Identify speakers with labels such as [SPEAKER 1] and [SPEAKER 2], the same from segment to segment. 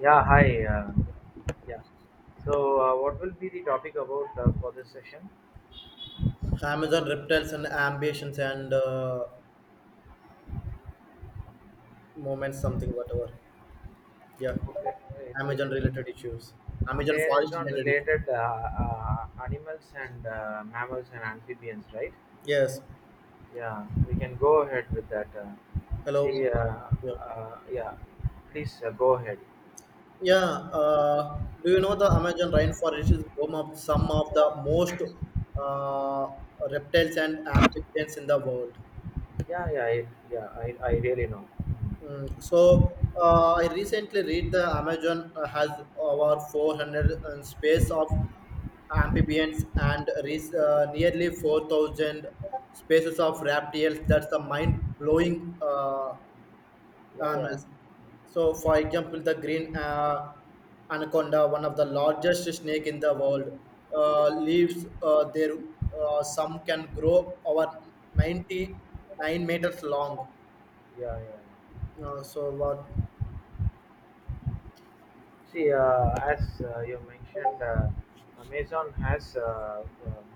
[SPEAKER 1] Yeah, hi. Yeah. So what will be the topic about for this session?
[SPEAKER 2] Amazon reptiles and ambitions and moments, something, whatever. Yeah,
[SPEAKER 1] Okay. It
[SPEAKER 2] Amazon
[SPEAKER 1] is
[SPEAKER 2] related issues. Amazon forest
[SPEAKER 1] Amazon
[SPEAKER 2] related issues.
[SPEAKER 1] related animals and mammals and amphibians, right?
[SPEAKER 2] Yes.
[SPEAKER 1] Yeah, we can go ahead with that.
[SPEAKER 2] Hello.
[SPEAKER 1] See, uh,
[SPEAKER 2] Yeah.
[SPEAKER 1] uh, yeah, please go ahead.
[SPEAKER 2] Yeah. Do you know the Amazon rainforest is home of some of the most uh, reptiles and amphibians in the world?
[SPEAKER 1] Yeah, I really know.
[SPEAKER 2] I recently read the Amazon has over 400 and space of amphibians and nearly 4,000 species of reptiles. That's the mind-blowing
[SPEAKER 1] Yeah, yeah,
[SPEAKER 2] animals. So, for example, the green anaconda, one of the largest snake in the world, lives there. Some can grow over 99 meters long.
[SPEAKER 1] yeah, yeah.
[SPEAKER 2] So, what?
[SPEAKER 1] See, as you mentioned, Amazon has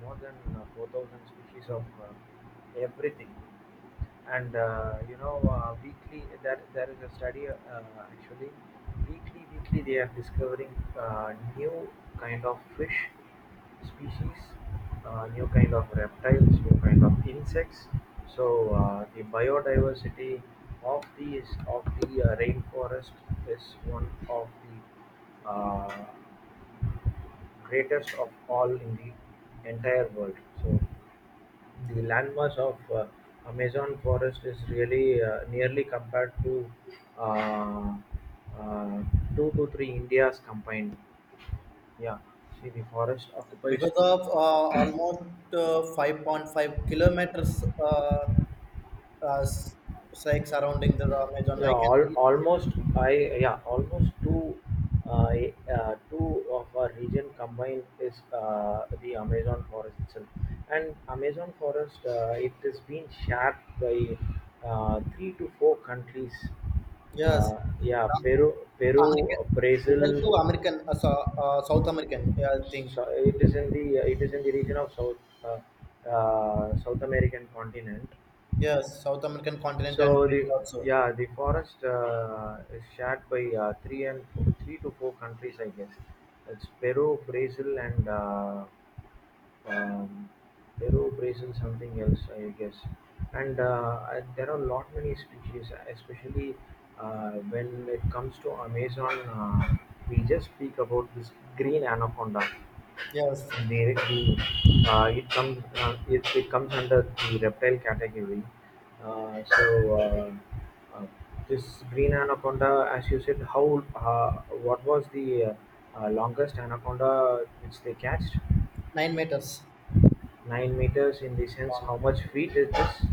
[SPEAKER 1] more than 4,000 species of everything, and you know, weekly that there is a study, actually weekly they are discovering new kind of fish species, new kind of reptiles, new kind of insects. So the biodiversity of the rainforest is one of the greatest of all in the entire world. So the landmass of Amazon forest is really nearly compared to uh, uh, two to three Indias combined. Yeah, see, the forest occupies.
[SPEAKER 2] Because of almost 5.5 kilometers uh, s- like surrounding the Amazon.
[SPEAKER 1] Yeah,
[SPEAKER 2] I can read.
[SPEAKER 1] almost, I yeah almost two, uh, two of our region combined is the Amazon forest itself, and Amazon forest, it is being shared by three to four countries.
[SPEAKER 2] Yes.
[SPEAKER 1] Yeah,
[SPEAKER 2] La-
[SPEAKER 1] Peru,
[SPEAKER 2] American, Brazil
[SPEAKER 1] Brazil.
[SPEAKER 2] to American, South American. Yeah, I think.
[SPEAKER 1] It is in the region of South uh, South American continent.
[SPEAKER 2] Yes, South American continent and
[SPEAKER 1] So
[SPEAKER 2] Brazil
[SPEAKER 1] the
[SPEAKER 2] also.
[SPEAKER 1] yeah the forest, is shared by three to four countries, I guess. It's Peru, Brazil, and um, something else, I guess. And there are lot many species, especially when it comes to Amazon. We just speak about this green anaconda.
[SPEAKER 2] Yes,
[SPEAKER 1] Directly, it comes under the reptile category. Uh, so uh, uh, this green anaconda, as you said, how what was the longest anaconda which they catched?
[SPEAKER 2] 9 meters
[SPEAKER 1] 9 meters, in the sense,
[SPEAKER 2] long.
[SPEAKER 1] how much feet is this?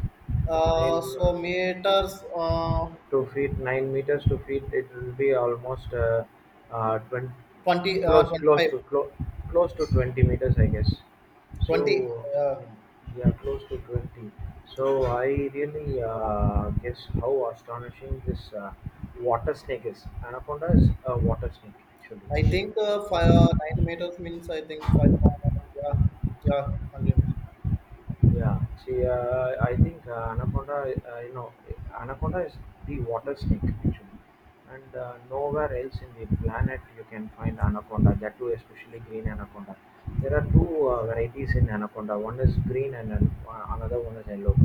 [SPEAKER 2] Uh,
[SPEAKER 1] Nine. uh,
[SPEAKER 2] so meters
[SPEAKER 1] 9 meters to feet. It will be almost 20,
[SPEAKER 2] 20,
[SPEAKER 1] close, close
[SPEAKER 2] 25,
[SPEAKER 1] to close, close to 20 meters, I guess.
[SPEAKER 2] twenty,
[SPEAKER 1] So yeah,
[SPEAKER 2] uh.
[SPEAKER 1] yeah, close to 20. So I really guess how astonishing this water snake is. Anaconda is a water snake,
[SPEAKER 2] I
[SPEAKER 1] actually.
[SPEAKER 2] think five, 9 meters means I think five. Yeah, yeah, continues.
[SPEAKER 1] Yeah, see, I think anaconda, you know, anaconda is the water snake, actually, and nowhere else in the planet you can find anaconda. That too, especially green anaconda. There are two varieties in anaconda. One is green, and another one is yellow.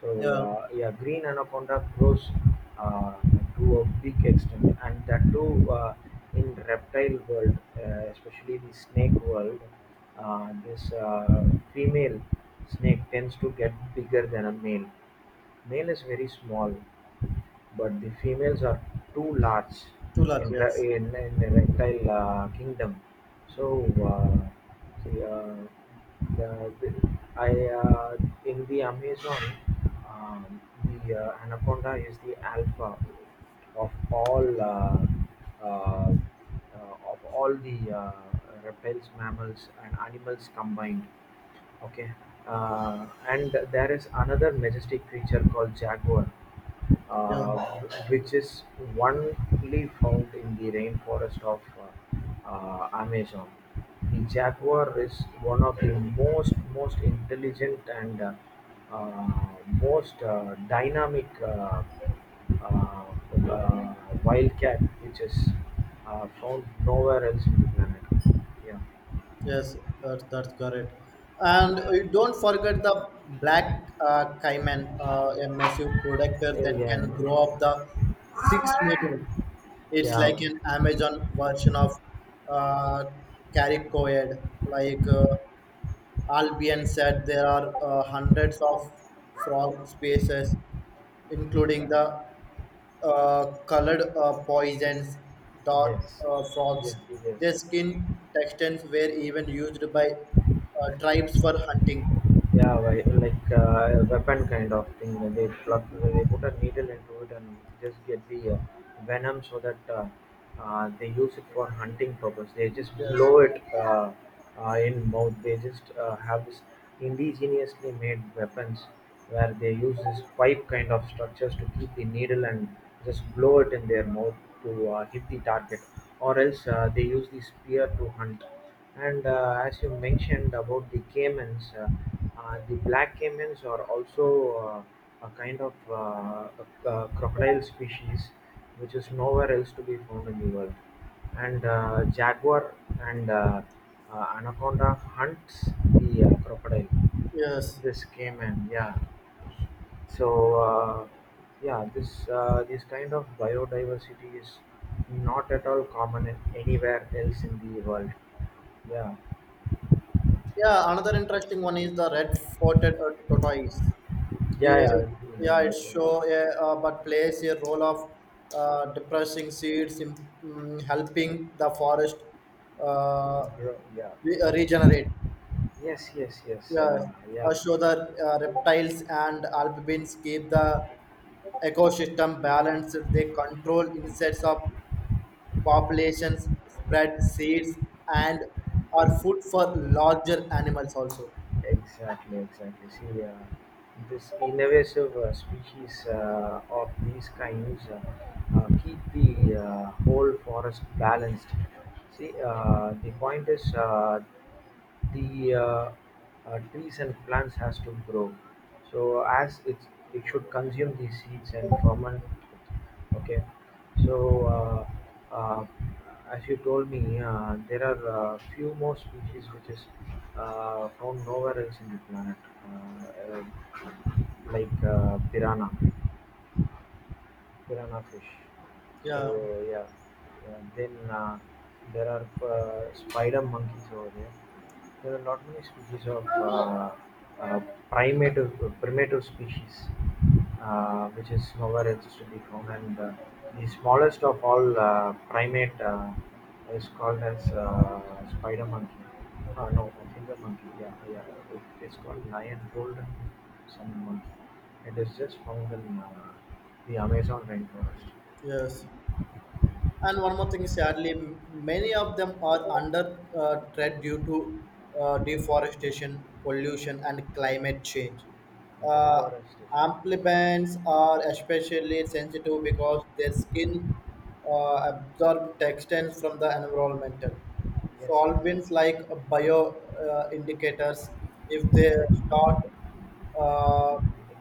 [SPEAKER 1] So
[SPEAKER 2] Yeah,
[SPEAKER 1] uh, yeah, green anaconda grows uh, to a big extent, and that too, in reptile world, especially the snake world. This female snake tends to get bigger than a male. Male is very small, but the females are too large
[SPEAKER 2] two lakh,
[SPEAKER 1] in
[SPEAKER 2] yes.
[SPEAKER 1] re- in, in the reptile kingdom. So see, the- I in the Amazon, um, the anaconda is the alpha of all uh, of all the reptiles, mammals, and animals combined. Okay. And there is another majestic creature called jaguar,
[SPEAKER 2] Yeah,
[SPEAKER 1] uh, which is only found in the rainforest of Amazon. The jaguar is one of the most intelligent and uh, most dynamic, uh, uh, wildcat, which is found nowhere else in the planet. Yeah.
[SPEAKER 2] yes, that's correct. And you don't forget the black caiman, a massive predator that
[SPEAKER 1] Yeah.
[SPEAKER 2] can grow up the 6 meter. It's like
[SPEAKER 1] Yeah.
[SPEAKER 2] an Amazon version of uh, caricoid, like Albion said there are hundreds of frog species, including
[SPEAKER 1] Yeah.
[SPEAKER 2] the colored poisons, dot
[SPEAKER 1] Yes,
[SPEAKER 2] frogs.
[SPEAKER 1] yes, yes.
[SPEAKER 2] Their skin textures were even used by tribes for hunting.
[SPEAKER 1] Yeah, like a weapon kind of thing, where they plug, where they put a needle into it and just get the venom, so that they use it for hunting purpose. They just
[SPEAKER 2] Yes,
[SPEAKER 1] blow it in mouth. They just have this indigenously made weapons, where they use this pipe kind of structures to keep the needle and just blow it in their mouth to hit the target. Or else, they use the spear to hunt. And as you mentioned about the caimans, the black caimans are also a kind of a crocodile species, which is nowhere else to be found in the world. And jaguar and anaconda hunts the crocodile.
[SPEAKER 2] yes.
[SPEAKER 1] This caiman, yeah. So uh, yeah, this, this kind of biodiversity is not at all common in anywhere else in the world. Yeah.
[SPEAKER 2] Yeah, another interesting one is the red-footed tortoise.
[SPEAKER 1] Yeah,
[SPEAKER 2] Yeah,
[SPEAKER 1] yeah,
[SPEAKER 2] yeah,
[SPEAKER 1] yeah.
[SPEAKER 2] it
[SPEAKER 1] It's
[SPEAKER 2] show yeah, uh, but plays a role of depressing seeds in, helping the forest uh,
[SPEAKER 1] grow, yeah.
[SPEAKER 2] regenerate.
[SPEAKER 1] Yes, yes, yes.
[SPEAKER 2] Yeah,
[SPEAKER 1] Yeah,
[SPEAKER 2] show the reptiles and amphibians keep the ecosystem balanced. They control insects of populations, spread seeds, and are food for larger animals also.
[SPEAKER 1] exactly, exactly. See, this invasive species of these kinds keep the whole forest balanced. See, the point is the trees and plants has to grow, so as it, it should consume these seeds and ferment, okay. So as you told me, there are few more species which is found nowhere else in the planet, uh, uh, like piranha fish. So
[SPEAKER 2] Yeah.
[SPEAKER 1] yeah, yeah. Then there are spider monkeys over there. There are not many species of uh, primitive primitive species, which is nowhere else to be found. And the smallest of all primate is called as spider monkey. No, finger monkey. Yeah, yeah. It's called lion golden sun monkey. It is just found in the Amazon rainforest.
[SPEAKER 2] Yes. And one more thing, sadly, many of them are under threat due to deforestation, pollution, and climate change. Uh,
[SPEAKER 1] Deforestation is,
[SPEAKER 2] amphibians are especially sensitive because their skin absorb textiles from the environmental
[SPEAKER 1] yes, yes,
[SPEAKER 2] solvents like bio indicators. If they start uh,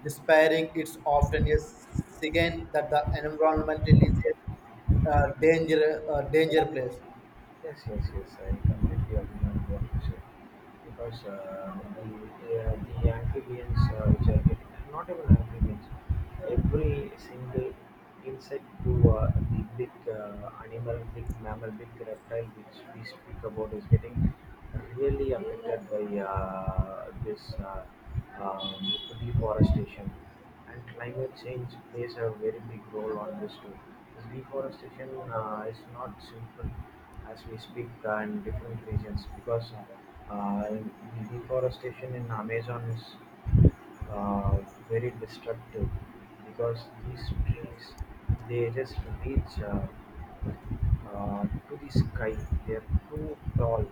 [SPEAKER 2] despairing, it's often a sign that the environmental is danger place.
[SPEAKER 1] yes, yes, yes, I completely agree on what you said, because the amphibians which are getting, not even amphibians, every single insect to the big animal, big mammal, big reptile which we speak about, is getting really affected by this um, deforestation. And climate change plays a very big role on this too. This deforestation is not simple as we speak in different regions, because the deforestation in Amazon is uh, very destructive, because these trees, they just reach uh, to the sky. They are too tall.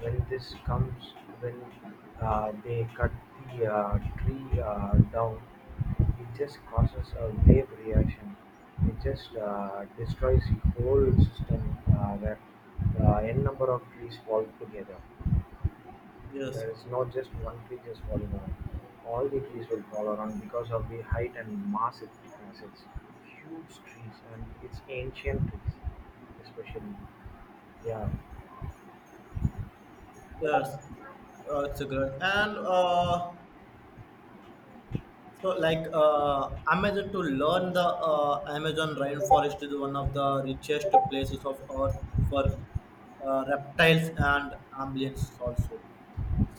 [SPEAKER 1] Well, this comes when they cut the tree down. It just causes a wave reaction. It just destroys the whole system, where n number of trees fall together.
[SPEAKER 2] Yes,
[SPEAKER 1] There is not just one tree just falling around. All the trees will fall around because of the height and mass it has. It's huge trees and it's ancient trees, especially. Yeah.
[SPEAKER 2] yes, it's a good and Amazon to learn the Amazon rainforest is one of the richest places of Earth for reptiles and amphibians also.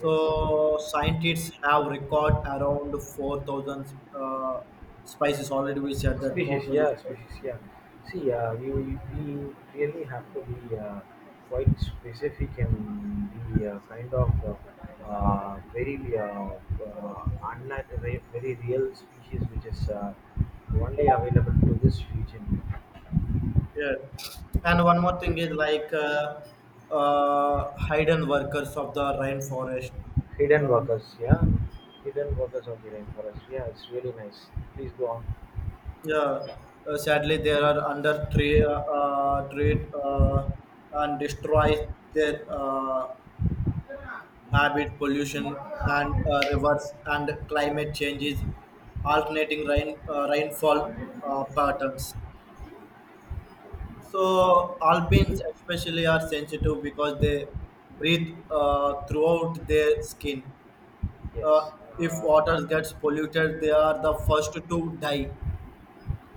[SPEAKER 1] Yes.
[SPEAKER 2] scientists have record around 4,000 species already. We said that
[SPEAKER 1] Species,
[SPEAKER 2] 4,000.
[SPEAKER 1] yeah, species, yeah. See, we really have to be quite specific and be kind of very, unlike very very real species which is only available to this region.
[SPEAKER 2] Yeah. And one more thing is like hidden workers of the rainforest.
[SPEAKER 1] Hidden
[SPEAKER 2] Um,
[SPEAKER 1] workers, yeah, hidden workers of the rainforest. Yeah, it's really nice. Please go on.
[SPEAKER 2] yeah, sadly they are under trade, trade and destroy their habit, pollution and rivers and climate changes, alternating rainfall patterns. So alpines especially are sensitive because they breathe throughout their skin. Uh,
[SPEAKER 1] Yes.
[SPEAKER 2] if waters gets polluted, they are the first to die.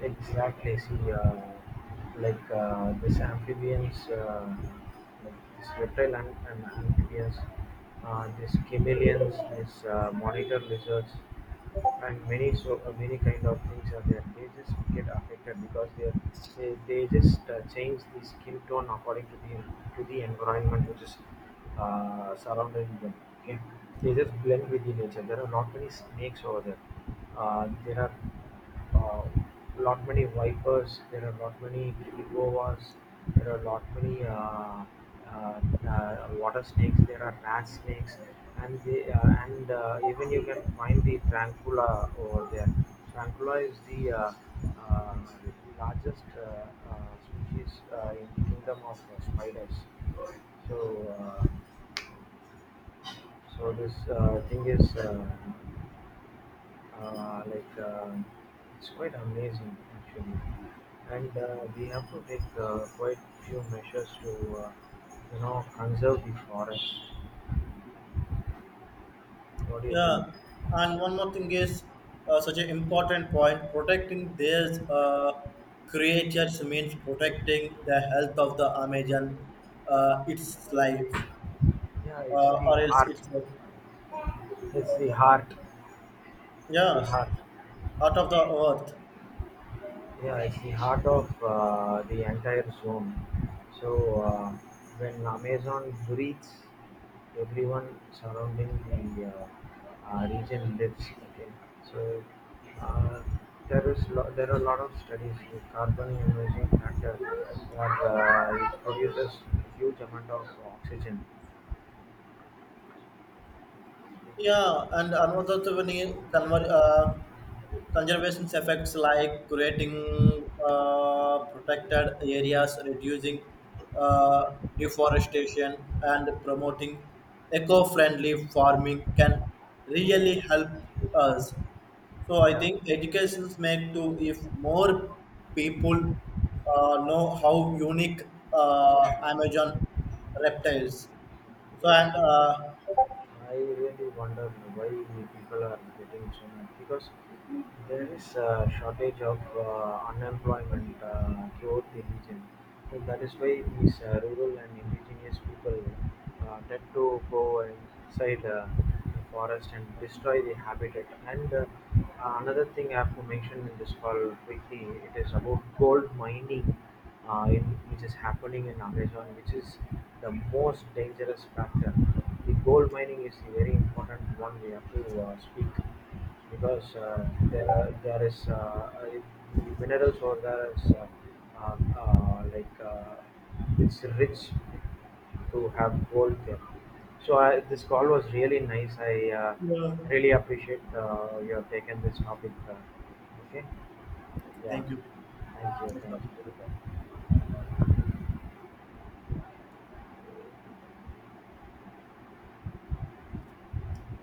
[SPEAKER 1] exactly. See, like this amphibians, like this reptile and amphibians, this chameleons, this monitor lizards, and many, so many kind of things are there. They just get affected because they are- they just change the skin tone according to the environment which is surrounding them. Okay, they just blend with the nature. There are not many snakes over there. There are uh, lot many vipers, there are lot many egovas, there are lot many uh, water snakes, there are rat snakes, and they, and even you can find the trancula over there. Trancula is the uh, largest species in the kingdom of spiders. So, uh, so this thing is like it's quite amazing, actually. And we have to take quite few measures to uh, you know, conserve the forest. What do you think?
[SPEAKER 2] Yeah, and one more thing is such an important point. Protecting these creatures means protecting the health of the Amazon, its life,
[SPEAKER 1] Yeah, it's the
[SPEAKER 2] or else
[SPEAKER 1] heart.
[SPEAKER 2] its
[SPEAKER 1] It's the heart. It's the
[SPEAKER 2] yeah,
[SPEAKER 1] heart.
[SPEAKER 2] heart of the earth.
[SPEAKER 1] Yeah, it's the heart of the entire zone. So when Amazon breathes, everyone surrounding the region lives. Okay, so uh, there are a lot of studies with carbon emission factor, that it produces huge amount of oxygen.
[SPEAKER 2] Yeah, and another thing, conservation effects like creating protected areas, reducing deforestation, and promoting eco friendly farming can
[SPEAKER 1] Yeah,
[SPEAKER 2] really help us. So, I
[SPEAKER 1] yeah,
[SPEAKER 2] think educations make to if more people know how unique Amazon reptiles. So,
[SPEAKER 1] yeah.
[SPEAKER 2] and
[SPEAKER 1] Okay. I really wonder why people are getting so mad, because there is a shortage of unemployment throughout the region. So that is why these rural and indigenous people tend to go inside. Forest and destroy the habitat. And another thing I have to mention in this call quickly, it is about gold mining, uh, in, which is happening in Amazon, which is the most dangerous factor. The gold mining is a very important one we have to speak, because there is the minerals or there is like it's rich to have worked them. This call was really nice. I
[SPEAKER 2] yeah.
[SPEAKER 1] really appreciate you have taken this topic. Okay. Yeah.
[SPEAKER 2] Thank you.
[SPEAKER 1] Thank you.
[SPEAKER 2] Next topic.
[SPEAKER 1] Thank you.